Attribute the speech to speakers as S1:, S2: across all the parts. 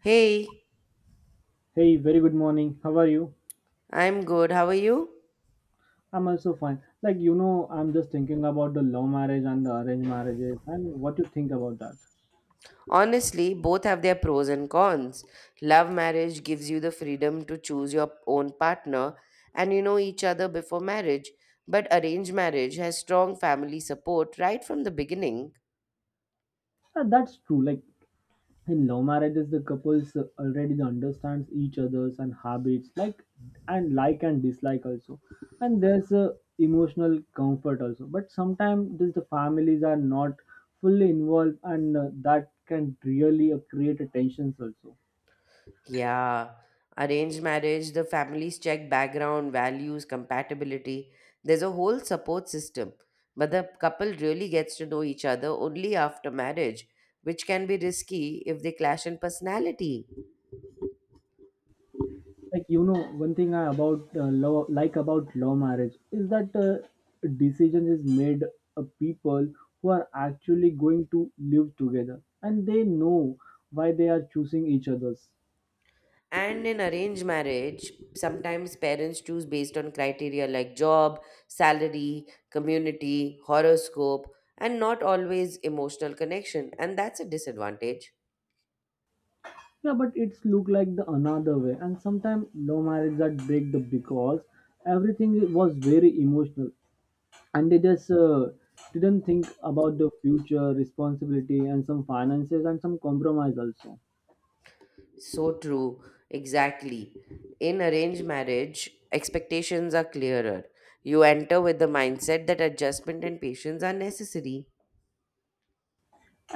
S1: Hey,
S2: Hey, very good morning. How are you?
S1: I'm good. How are you?
S2: I'm also fine. Like, I'm just thinking about the love marriage and the arranged marriages and what you think about that.
S1: Honestly, both have their pros and cons. Love marriage gives you the freedom to choose your own partner and you know each other before marriage, but arranged marriage has strong family support right from the beginning.
S2: That's true. Like, in love marriages, the couples already understands each other's and habits, like and dislike also. And there's a emotional comfort also. But sometimes this, the families are not fully involved and that can really create a tensions also.
S1: Yeah, arranged marriage, the families check background, values, compatibility. There's a whole support system, but the couple really gets to know each other only after marriage, which can be risky if they clash in personality.
S2: Like one thing I about law like about law marriage is that decision is made people who are actually going to live together and they know why they are choosing each other's.
S1: And in arranged marriage, sometimes parents choose based on criteria like job, salary, community, horoscope, and not always emotional connection. And that's a disadvantage.
S2: Yeah, but it's look like the another way, and sometimes law marriage that break the because everything was very emotional and they just didn't think about the future responsibility and some finances and some compromise also.
S1: So true. Exactly. In arranged marriage, expectations are clearer. You enter with the mindset that adjustment and patience are necessary.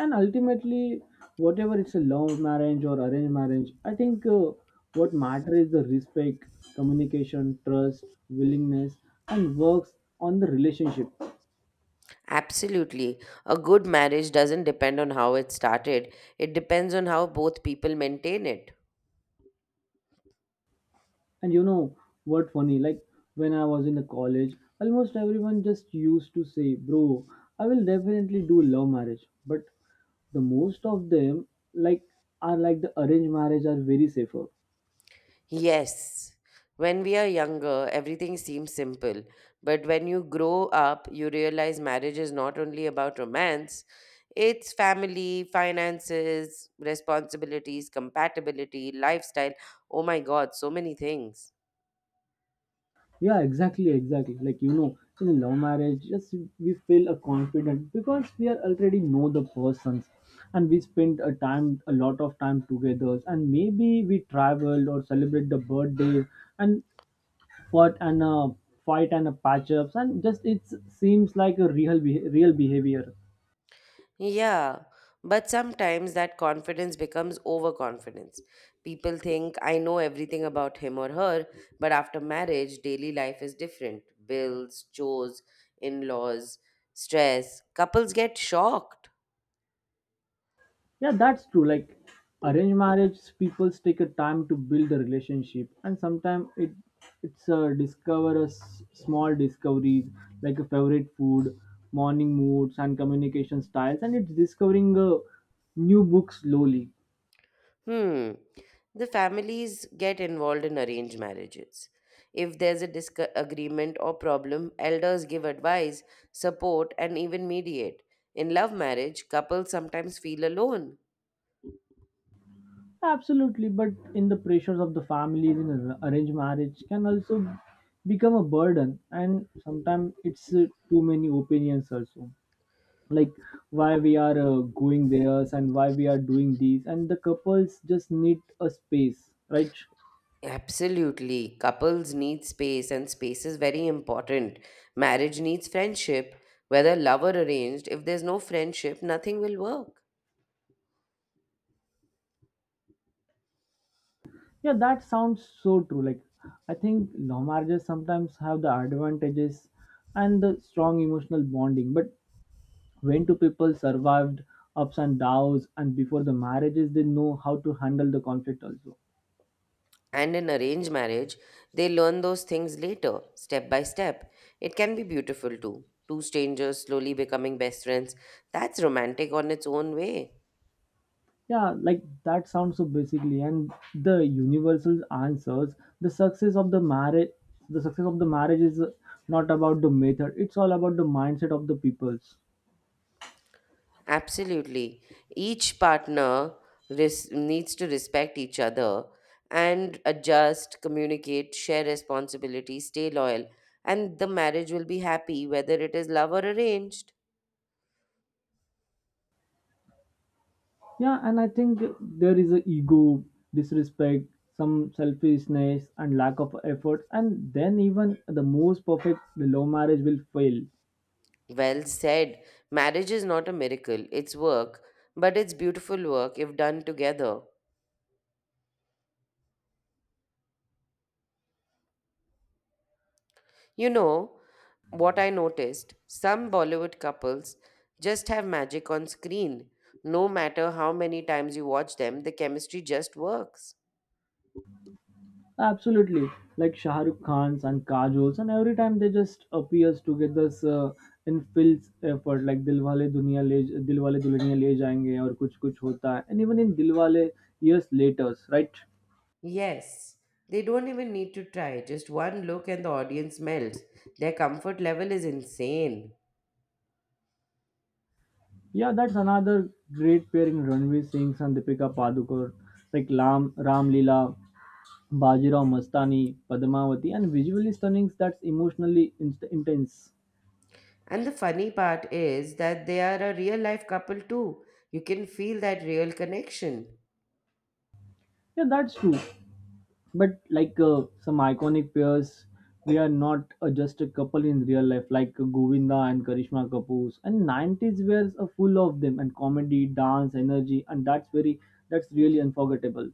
S2: And ultimately whatever it's a love marriage or arranged marriage, I think what matter is the respect, communication, trust, willingness, and works on the relationship.
S1: Absolutely. A good marriage doesn't depend on how it started, it depends on how both people maintain it.
S2: And what funny, like when I was in the college, almost everyone just used to say bro, I will definitely do love marriage, but the most of them, like, are like the arranged marriage are very safer.
S1: Yes. When we are younger, everything seems simple. But when you grow up, you realize marriage is not only about romance, it's family, finances, responsibilities, compatibility, lifestyle. Oh my God, so many things.
S2: Yeah, exactly, like in a love marriage, yes, we feel a confident because we are already know the persons, and we spend a time a lot of time together, and maybe we travel or celebrate the birthday and what and fight and a patch ups, and just it seems like a real behavior.
S1: Yeah, but sometimes that confidence becomes overconfidence. People think, I know everything about him or her, but after marriage, daily life is different. Bills, chores, in laws, stress. Couples get shocked.
S2: Yeah, that's true. Like arranged marriage, people take a time to build the relationship, and sometimes it's a discover a small discoveries like a favorite food, morning moods, and communication styles, and it's discovering a new book slowly.
S1: Hmm. The families get involved in arranged marriages. If there's a disagreement or problem, elders give advice, support, and even mediate. In love marriage, couples sometimes feel alone.
S2: Absolutely, but in the pressures of the families in an arranged marriage can also become a burden, and sometimes it's too many opinions also. Like why we are going there and why we are doing these, and the couples just need a space, right?
S1: Absolutely. Couples need space, and space is very important. Marriage needs friendship, whether love or arranged. If there's no friendship, nothing will work.
S2: Yeah, that sounds so true. Like I think love marriages sometimes have the advantages and the strong emotional bonding, but when two people survived ups and downs, and before the marriages they know how to handle the conflict also.
S1: And in arranged marriage, they learn those things later, step by step. It can be beautiful too. Two strangers slowly becoming best friends. That's romantic on its own way.
S2: Yeah, like that sounds so basically, and the universal answers, the success of the marriage, the success of the marriage is not about the method. It's all about the mindset of the peoples.
S1: Absolutely. Each partner needs to respect each other and adjust, communicate, share responsibility, stay loyal, and the marriage will be happy whether it is love or arranged.
S2: Yeah, and I think there is a ego, disrespect, some selfishness, and lack of effort. And then even the most perfect the love marriage will fail.
S1: Well said. Marriage is not a miracle, it's work, but it's beautiful work if done together. You know, what I noticed, some Bollywood couples just have magic on screen. No matter how many times you watch them, the chemistry just works.
S2: Absolutely. Like Shah Rukh Khan's and Kajal's, and every time they just appears together in Phil's effort, like Dilwale Dulhaniya Le Jayenge or Kuch Kuch Hota Hai, and even in Dilwale years later, right?
S1: Yes, they don't even need to try. Just one look and the audience melts. Their comfort level is insane.
S2: Yeah, that's another great pairing Ranveer Singh and Deepika Padukone, like Ram Leela, Bajirao Mastani, Padmavati, and visually stunning that's emotionally intense.
S1: And the funny part is that they are a real life couple too. You can feel that real connection.
S2: Yeah, that's true. But like some iconic pairs we are not just a couple in real life, like Govinda and Karishma Kapoor, and 90s were full of them, and comedy dance energy, and that's really unforgettable.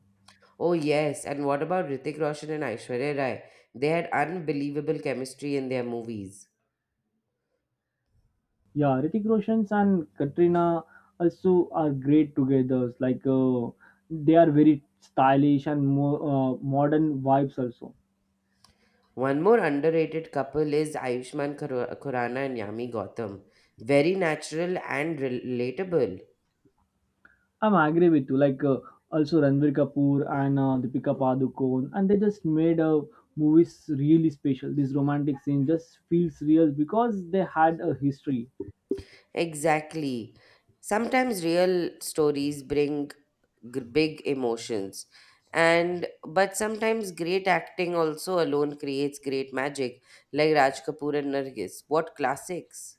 S1: Oh, yes, and what about Ritik Roshan and Aishwarya Rai? They had unbelievable chemistry in their movies.
S2: Yeah, Ritik Roshan's and Katrina also are great together, like they are very stylish and more modern vibes also.
S1: One more underrated couple is Ayushmann Khur- Khurrana and Yami Gautam. Very natural and relatable.
S2: I'm agree with you. Like also Ranveer Kapoor and Deepika Padukone, and they just made movies really special. This romantic scene just feels real because they had a history.
S1: Exactly. Sometimes real stories bring big emotions. And but sometimes great acting also alone creates great magic, like Raj Kapoor and Nargis. What classics!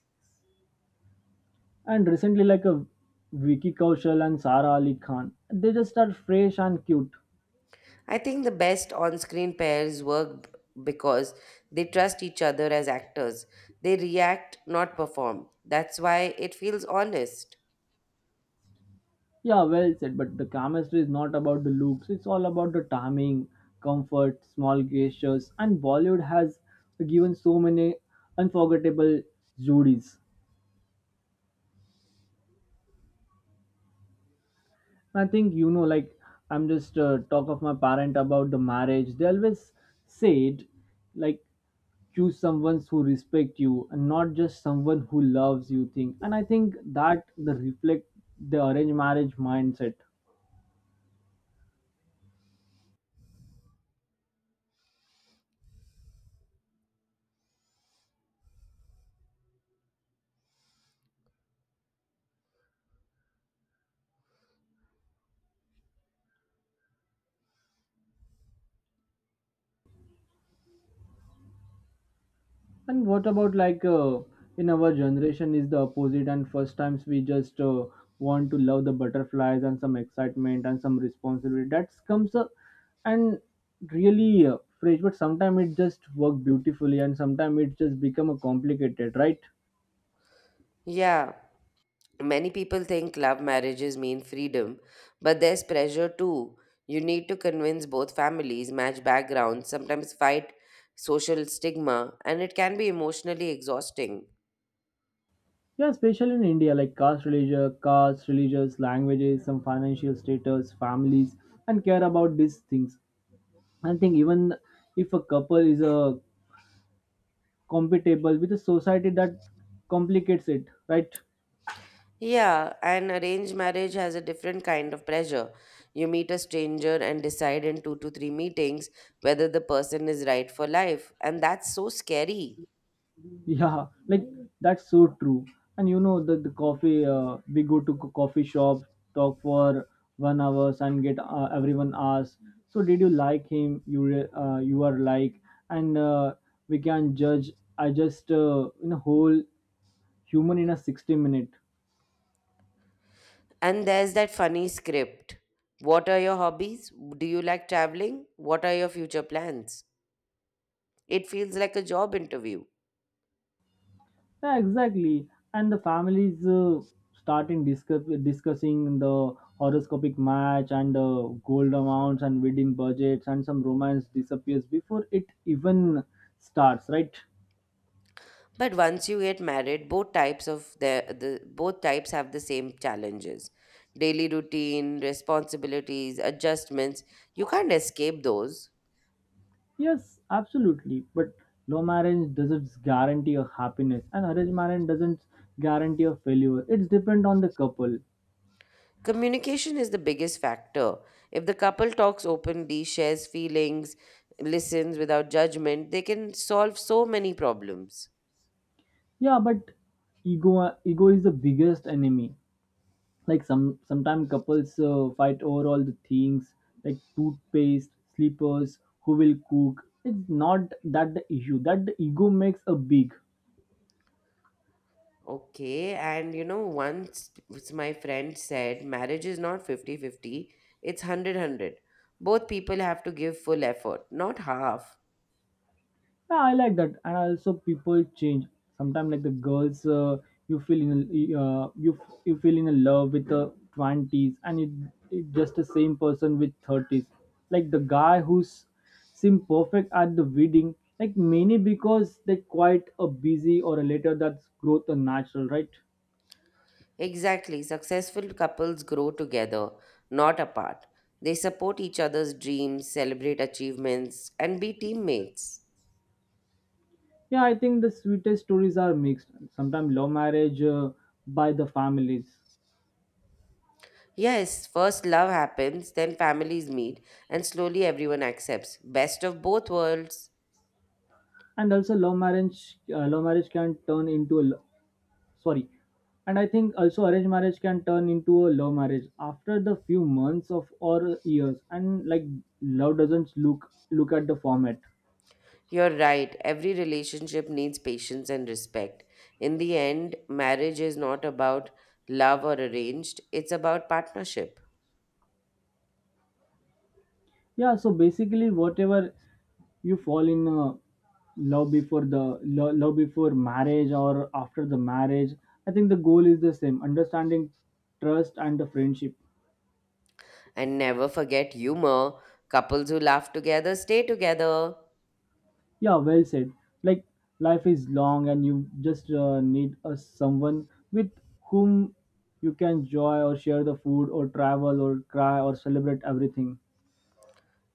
S2: And recently, like a Vicky Kaushal and Sara Ali Khan, they just are fresh and cute.
S1: I think the best on screen pairs work because they trust each other as actors. They react, not perform. That's why it feels honest.
S2: Yeah, well said. But the chemistry is not about the looks. It's all about the timing, comfort, small gestures, and Bollywood has given so many unforgettable Zudis. I think like I'm just talk of my parent about the marriage. They always said, like, choose someone who respect you and not just someone who loves you. Thing, and I think that the reflect the arranged marriage mindset. And what about like in our generation is the opposite, and first times we just want to love the butterflies and some excitement and some responsibility that comes up and really fresh. But sometimes it just work beautifully, and sometimes it just become a complicated, right?
S1: Yeah. Many people think love marriages mean freedom, but there's pressure too. You need to convince both families, match backgrounds, sometimes fight social stigma, and it can be emotionally exhausting.
S2: Yeah, especially in India, like caste, religion, caste, religious, languages, some financial status, families, and care about these things. I think even if a couple is a compatible with a society, that complicates it, right?
S1: Yeah, and arranged marriage has a different kind of pressure. You meet a stranger and decide in two to three meetings whether the person is right for life, and that's so scary.
S2: Yeah, like that's so true. And you know the coffee, we go to coffee shop, talk for 1 hours, and get everyone asks, so did you like him, you you are like, and we can judge I just in a whole human in a 60 minute.
S1: And there's that funny script. What are your hobbies? Do you like traveling? What are your future plans? It feels like a job interview.
S2: Yeah, exactly. And the families starting discussing the horoscopic match, and gold amounts and wedding budgets, and some romance disappears before it even starts, right?
S1: But once you get married, both types of the both types have the same challenges. Daily routine, responsibilities, adjustments. You can't escape those.
S2: Yes, absolutely. But love marriage doesn't guarantee a happiness, and arranged marriage doesn't guarantee a failure. It's depend on the couple.
S1: Communication is the biggest factor. If the couple talks openly, shares feelings, listens without judgment, they can solve so many problems.
S2: Yeah, but ego is the biggest enemy. Like sometimes couples fight over all the things, like toothpaste, slippers, who will cook. It's not that the issue, that the ego makes a big.
S1: Okay, and you know, once my friend said marriage is not fifty-fifty; it's hundred-hundred. Both people have to give full effort, not half.
S2: Yeah, I like that. And also people change sometimes, like the girls you feel in uh, you you feel in love with the 20s, and it just the same person with 30s, like the guy who's seem perfect at the wedding, like many because they quite a busy or a later, that's growth and natural, right?
S1: Exactly, successful couples grow together, not apart. They support each other's dreams, celebrate achievements, and be teammates.
S2: Yeah, I think the sweetest stories are mixed. Sometimes love marriage by the families,
S1: Yes, first love happens, then families meet, and slowly everyone accepts. Best of both worlds.
S2: and also love marriage. Love marriage can turn into a sorry, and I think also arranged marriage can turn into a love marriage after the few months of or years, and like love doesn't look at the format.
S1: You're right. Every relationship needs patience and respect. In the end, marriage is not about love or arranged, it's about partnership.
S2: Yeah, so basically, whatever you fall in love before marriage or after the marriage, I think the goal is the same: understanding, trust, and the friendship.
S1: And never forget humor. Couples who laugh together stay together.
S2: Yeah, well said. Like life is long, and you just need a someone with whom you can enjoy or share the food or travel or cry or celebrate everything.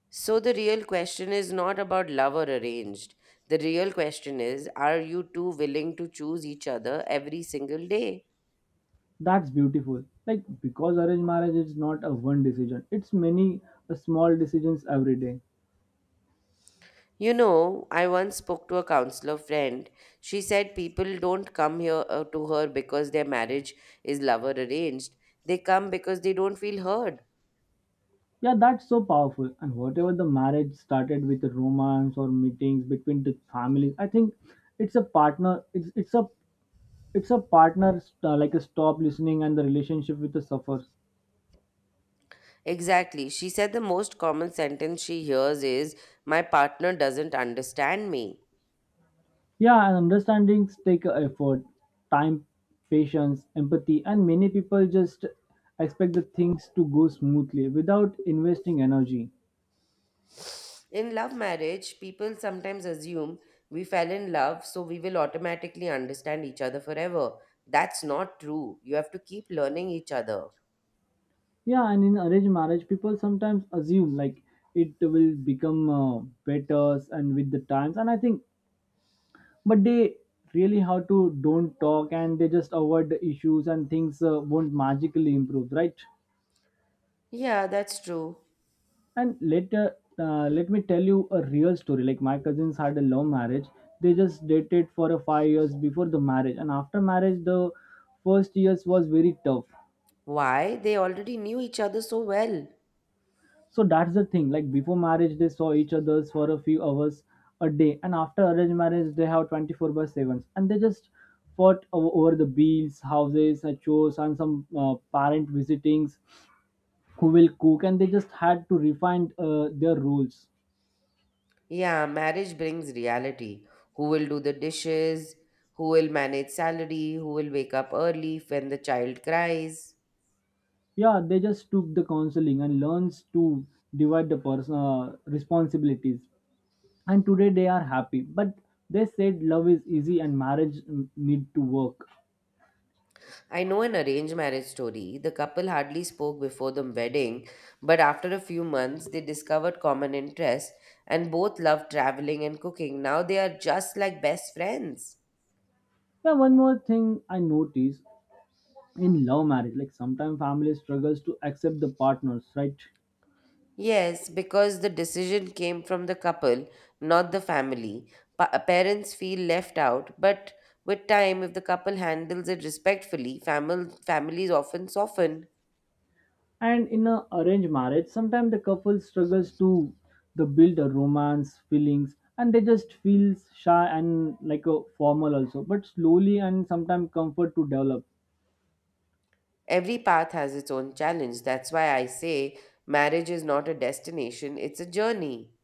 S1: So the real question is not about love or arranged. The real question is are you two willing to choose each other every single day?
S2: That's beautiful. Like because arranged marriage is not a one decision; it's many small decisions every day.
S1: You know, I once spoke to a counselor friend. She said people don't come here to her because their marriage is lover arranged. They come because they don't feel heard.
S2: Yeah, that's so powerful. And whatever the marriage started with a romance or meetings between the families, I think it's a partner. It's a like a stop listening, and the relationship with the suffers.
S1: Exactly. She said the most common sentence she hears is, My partner doesn't understand me.
S2: Yeah, and understandings take a effort, time, patience, empathy, and many people just expect the things to go smoothly without investing energy.
S1: In love marriage, people sometimes assume we fell in love, so we will automatically understand each other forever. That's not true. You have to keep learning each other.
S2: Yeah, and in arranged marriage, people sometimes assume like it will become better and with the times, and I think but they really have to don't talk, and they just avoid the issues, and things won't magically improve, right?
S1: Yeah, that's true.
S2: And later let me tell you a real story. Like my cousins had a love marriage. They just dated for a 5 years before the marriage, and after marriage the first years was very tough.
S1: Why? They already knew each other so well.
S2: So that's the thing. Like before marriage, they saw each other's for a few hours a day, and after arranged marriage, they have 24/7s, and they just fought over the bills, houses, and chores, and some parent visitings, who will cook, and they just had to refine their rules.
S1: Yeah, marriage brings reality. Who will do the dishes? Who will manage salary? Who will wake up early when the child cries?
S2: Yeah, they just took the counseling and learns to divide the personal responsibilities. And today they are happy, but they said love is easy and marriage, need to work.
S1: I know an arranged marriage story. The couple hardly spoke before the wedding, but after a few months, they discovered common interests and both loved traveling and cooking. Now they are just like best friends.
S2: Yeah, one more thing I noticed in love marriage, like sometimes family struggles to accept the partners, right?
S1: Yes, because the decision came from the couple, not the family. Parents feel left out, but with time, if the couple handles it respectfully, families often soften.
S2: And in a arranged marriage sometimes the couple struggles to the build a romance feelings and they just feel shy and like a formal also, but slowly and sometimes comfort to develop.
S1: Every path has its own challenge. That's why I say marriage is not a destination, it's a journey.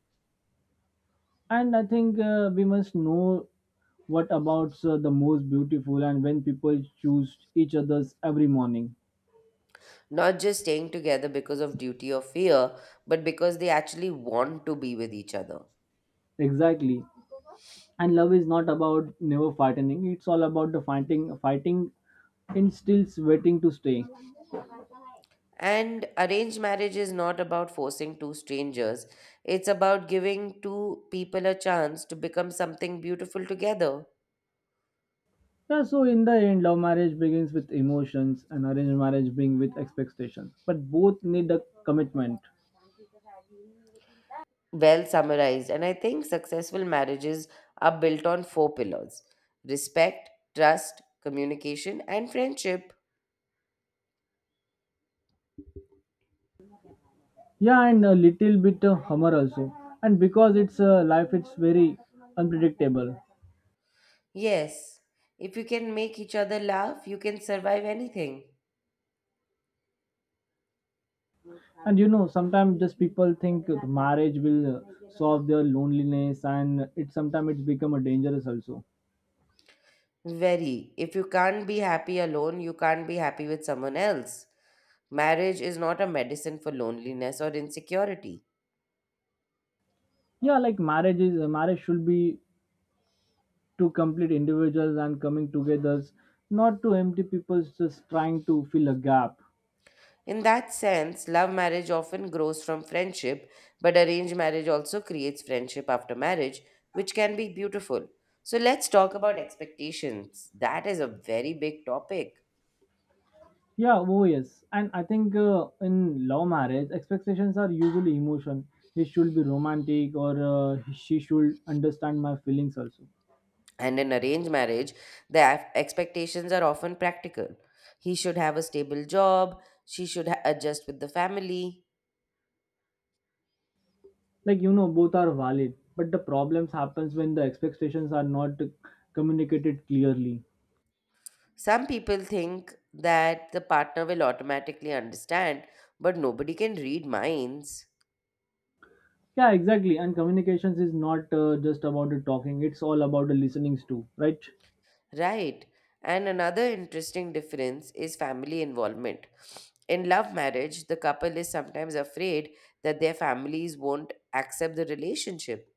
S2: And I think we must know what about the most beautiful and when people choose each others every morning.
S1: Not just staying together because of duty or fear, but because they actually want to be with each other.
S2: Exactly, and love is not about never fighting, it's all about the fighting instills waiting to stay.
S1: And arranged marriage is not about forcing two strangers, it's about giving two people a chance to become something beautiful together.
S2: Yeah, so in the end love marriage begins with emotions and arranged marriage begins with expectations, but both need a commitment.
S1: Well summarized, and I think successful marriages are built on four pillars respect, trust, communication, and friendship.
S2: Yeah, and a little bit of humor also, and because it's life, it's very unpredictable.
S1: Yes, if you can make each other laugh, you can survive anything.
S2: And you know sometimes just people think marriage will solve their loneliness, and it sometimes it's become a dangerous also.
S1: Very. If you can't be happy alone, you can't be happy with someone else. Marriage is not a medicine for loneliness or insecurity.
S2: Yeah, like marriage should be to complete individuals and coming together, not to empty people just trying to fill a gap.
S1: In that sense, love marriage often grows from friendship, but arranged marriage also creates friendship after marriage, which can be beautiful. So let's talk about expectations. That is a very big topic.
S2: Yeah, oh yes. And I think in love marriage, expectations are usually emotion. He should be romantic, or she should understand my feelings also.
S1: And in arranged marriage, the expectations are often practical. He should have a stable job, she should adjust with the family.
S2: Like you know, both are valid, but the problems happens when the expectations are not communicated clearly.
S1: Some people think that the partner will automatically understand, but nobody can read minds.
S2: Yeah, exactly. And communications is not just about the talking; it's all about the listenings too, right?
S1: Right. And another interesting difference is family involvement. In love marriage, the couple is sometimes afraid that their families won't accept the relationship.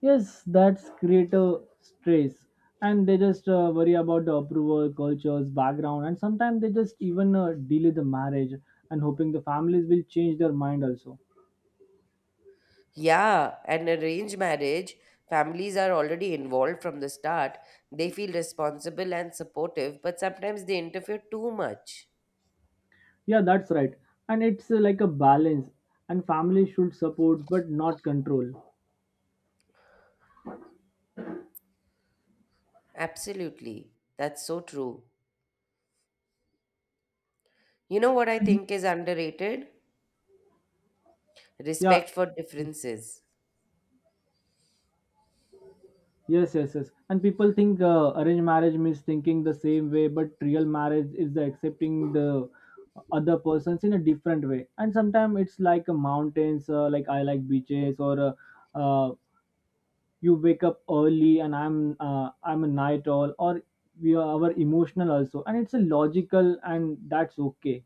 S2: Yes, that's creative stress. And they just worry about the approval, cultures, background, and sometimes they just even delay the marriage and hoping the families will change their mind also.
S1: Yeah, and arranged marriage, families are already involved from the start. They feel responsible and supportive, but sometimes they interfere too much.
S2: Yeah, that's right. And it's like a balance, and family should support but not control.
S1: Absolutely. That's so true. You know what I
S2: Mhm.
S1: think is underrated?
S2: Yeah.
S1: Respect for differences.
S2: Yes, yes, yes. And people think arranged marriage means thinking the same way, but real marriage is the accepting the other persons in a different way. And sometimes it's like a mountains, like I like beaches, or uh, uh, you wake up early and I'm a night owl, or we are our emotional also, and it's a logical, and that's okay.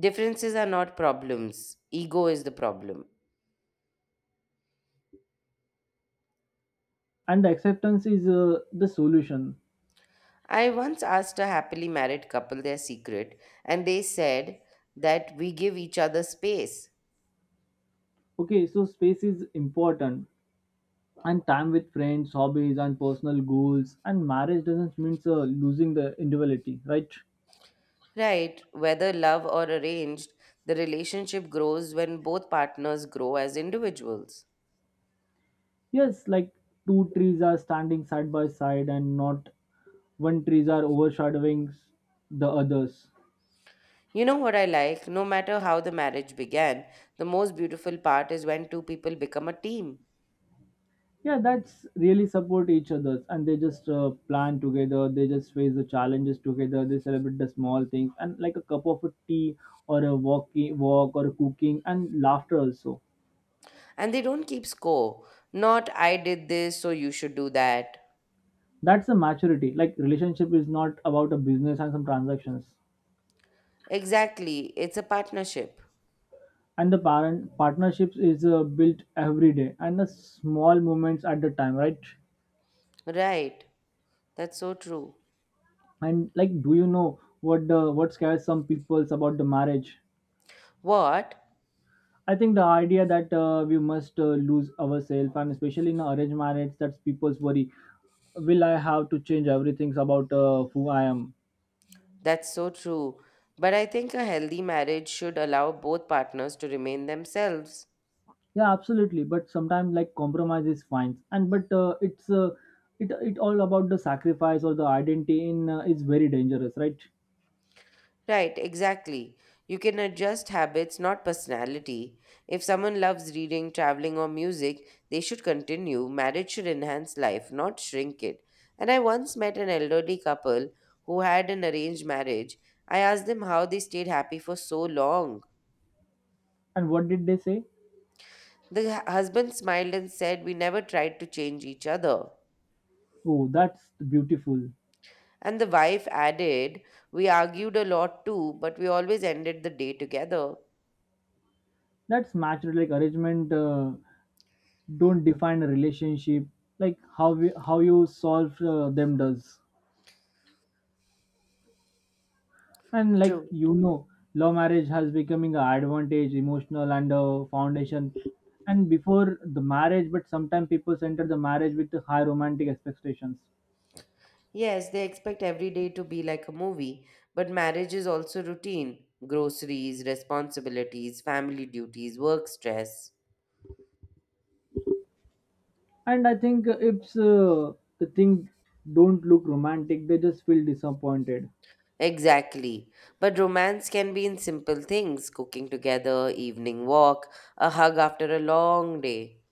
S1: Differences are not problems. Ego is the problem.
S2: And the acceptance is the solution.
S1: I once asked a happily married couple their secret, and they said that we give each other space.
S2: Okay, so space is important and time with friends, hobbies, and personal goals. And marriage doesn't mean losing the individuality, right?
S1: Right, whether love or arranged, the relationship grows when both partners grow as individuals.
S2: Yes, like two trees are standing side by side, and not one trees are overshadowing the others.
S1: You know what I like? No matter how the marriage began, the most beautiful part is when two people become a team
S2: Yeah, that's really support each other, and they just plan together. They just face the challenges together. They celebrate the small things, and like a cup of a tea or a walk or a cooking and laughter also.
S1: and they don't keep score. Not I did this, so you should do that.
S2: That's the maturity, like relationship is not about a business and some transactions.
S1: Exactly, it's a partnership.
S2: And the parent partnerships is built every day and the small moments at the time, right?
S1: Right. That's so true.
S2: And like do you know what the what scares some peoples about the marriage?
S1: What?
S2: I think the idea that we must lose ourselves, and especially in arranged marriage that's people's worry. Will I have to change everything about who I am?
S1: That's so true. But I think a healthy marriage should allow both partners to remain themselves.
S2: Yeah, absolutely, but sometimes like compromise is fine, and but it all about the sacrifice or the identity in is very dangerous, right?
S1: Right, exactly. You can adjust habits, not personality. If someone loves reading, traveling, or music, they should continue. Marriage should enhance life, not shrink it. And I once met an elderly couple who had an arranged marriage. I asked them how they stayed happy for so long.
S2: And what did they say?
S1: The husband smiled and said, We never tried to change each other.
S2: Oh, that's beautiful.
S1: And the wife added, We argued a lot too, but we always ended the day together.
S2: That's matched, like arrangement don't define a relationship, like how you solve them does. And like
S1: True.
S2: you know, love marriage has becoming an advantage, emotional and a foundation. And before the marriage, but sometimes people enter the marriage with the high romantic expectations.
S1: Yes, they expect every day to be like a movie, but marriage is also routine groceries, responsibilities, family duties, work stress.
S2: And I think it's the thing don't look romantic, they just feel disappointed.
S1: Exactly. But romance can be in simple things cooking together, evening walk, a hug after a long day.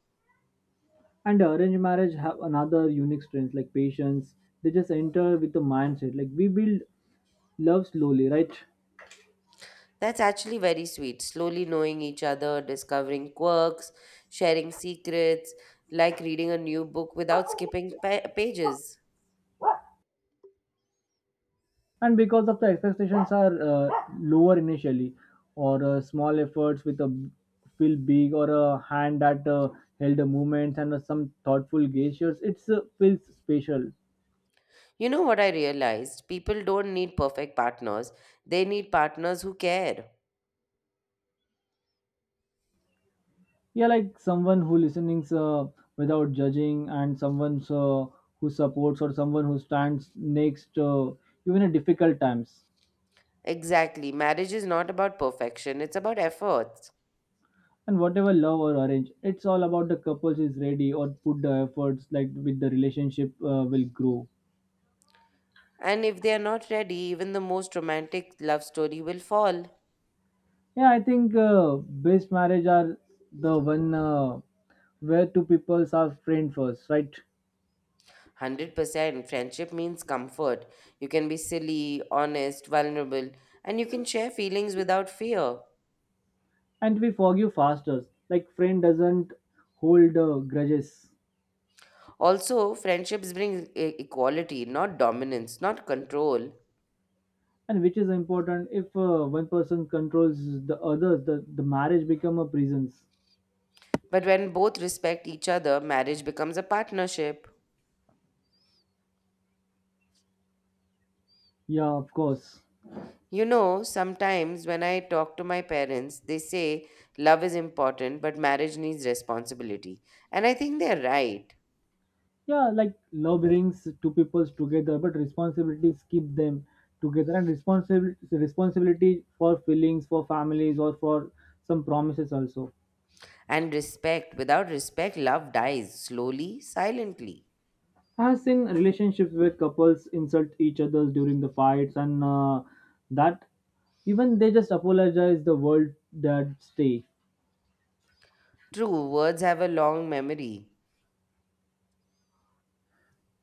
S2: And arranged marriage have another unique strength like patience. They just enter with the mindset like we build love slowly, right?
S1: That's actually very sweet. Slowly knowing each other, discovering quirks, sharing secrets, like reading a new book without skipping pages.
S2: And because of the expectations are lower initially, or small efforts with feel big, or a hand that held the movements, and some thoughtful gestures, it's feels special.
S1: You know what I realized? People don't need perfect partners, they need partners who care.
S2: Yeah, like someone who listenings without judging, and someone who supports, or someone who stands next even in difficult times.
S1: Exactly. Marriage is not about perfection, it's about efforts.
S2: And whatever love or arrange, it's all about the couples is ready or put the efforts, like with the relationship will grow.
S1: And if they are not ready, even the most romantic love story will fall.
S2: Yeah, I think best marriage are the one where two peoples are friend first, right?
S1: 100%. Friendship means comfort. You can be silly, honest, vulnerable, and you can share feelings without fear.
S2: And we forgive faster. Like friend doesn't hold grudges,
S1: Also, friendships bring equality, not dominance, not control.
S2: and which is important. If one person controls the other, the marriage become a prisons.
S1: But when both respect each other, marriage becomes a partnership.
S2: Yeah, of course.
S1: You know, sometimes when I talk to my parents, they say love is important, but marriage needs responsibility. And I think they're right.
S2: Yeah, like love brings two peoples together, but responsibilities keep them together. And responsibility for feelings, for families, or for some promises also.
S1: And respect, without respect, love dies slowly, silently.
S2: I have seen relationships where couples insult each other during the fights, and that even they just apologize the world that stay.
S1: True, words have a long memory.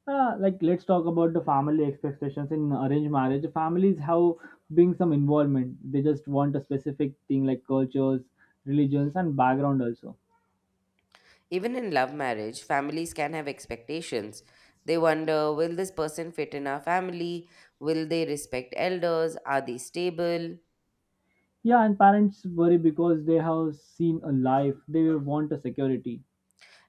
S2: Like let's talk about the family expectations in arranged marriage. Families have being some involvement. They just want a specific thing like cultures, religions, and background also.
S1: Even in love marriage, families can have expectations. They wonder will this person fit in our family? Will they respect elders? Are they stable?
S2: Yeah, and parents worry because they have seen a life. They want a security.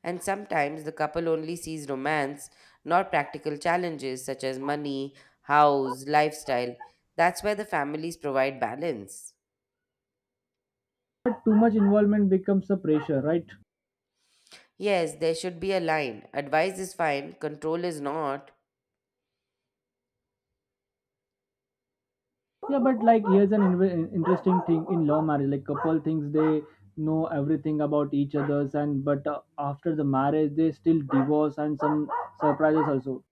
S1: And sometimes the couple only sees romance, not practical challenges such as money, house, lifestyle. That's where the families provide balance.
S2: But too much involvement becomes a pressure, right?
S1: Yes, there should be a line. Advice is fine, control is not.
S2: Yeah, but like here's an interesting thing in law marriage. Like couple thinks they know everything about each other's, and but after the marriage they still divorce and some surprises also.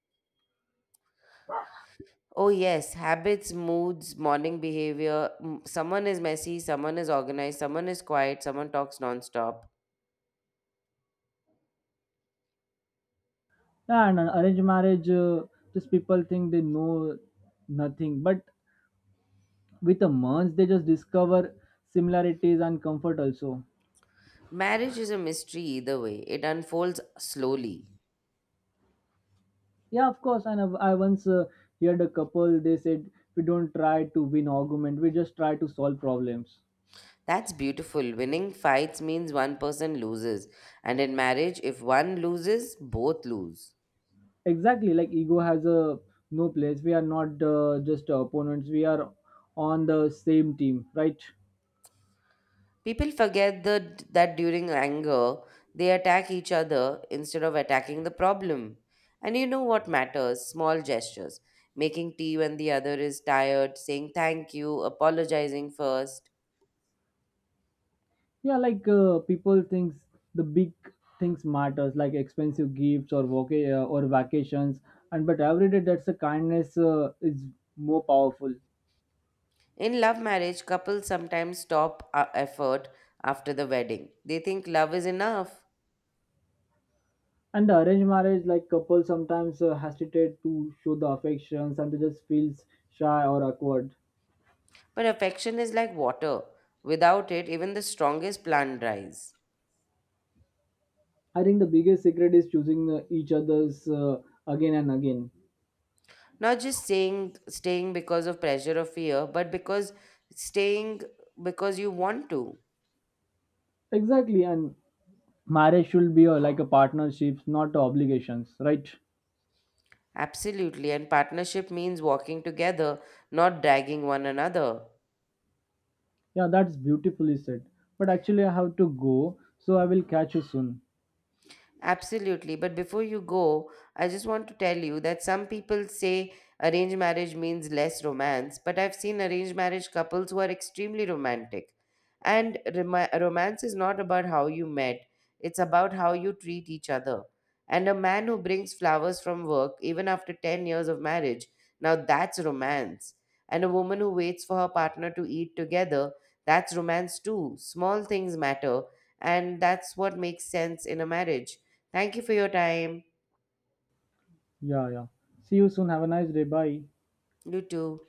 S1: Oh, yes. Habits, moods, morning behavior. Someone is messy, someone is organized, someone is quiet, someone talks nonstop.
S2: Yeah, and an arranged marriage, just people think they know nothing, but with the months they just discover similarities and comfort also.
S1: Marriage is a mystery either way, it unfolds slowly.
S2: Yeah, of course. And I once heard a couple they said we don't try to win argument, we just try to solve problems.
S1: That's beautiful. Winning fights means one person loses. And in marriage, if one loses, both lose.
S2: Exactly, like ego has a no place, we are not just opponents, we are on the same team, right?
S1: People forget that during anger, they attack each other instead of attacking the problem. And you know what matters? Small gestures. Making tea when the other is tired, saying thank you, apologizing first.
S2: Yeah, like people thinks the big things matters, like expensive gifts or or vacations, and but every day that's a kindness is more powerful.
S1: In love marriage, couples sometimes stop effort after the wedding. They think love is enough.
S2: And the arranged marriage, like couple sometimes hesitate to show the affections, and they just feels shy or awkward.
S1: But affection is like water. Without it, even the strongest plant dries.
S2: I think the biggest secret is choosing each other's again and again.
S1: Not just saying staying because of pressure or fear, but because staying because you want to.
S2: Exactly, and marriage should be a, like a partnership, not obligations, right?
S1: Absolutely, and partnership means walking together, not dragging one another.
S2: Yeah, that's beautifully said, but actually I have to go, so I will catch you soon.
S1: Absolutely. But before you go, I just want to tell you that some people say arranged marriage means less romance, but I've seen arranged marriage couples who are extremely romantic. And romance is not about how you met, it's about how you treat each other. And a man who brings flowers from work, even after 10 years of marriage, now that's romance. And a woman who waits for her partner to eat together, that's romance too. Small things matter, and that's what makes sense in a marriage. Thank you for your time.
S2: Yeah, yeah, see you soon, have a nice day, bye.
S1: You too.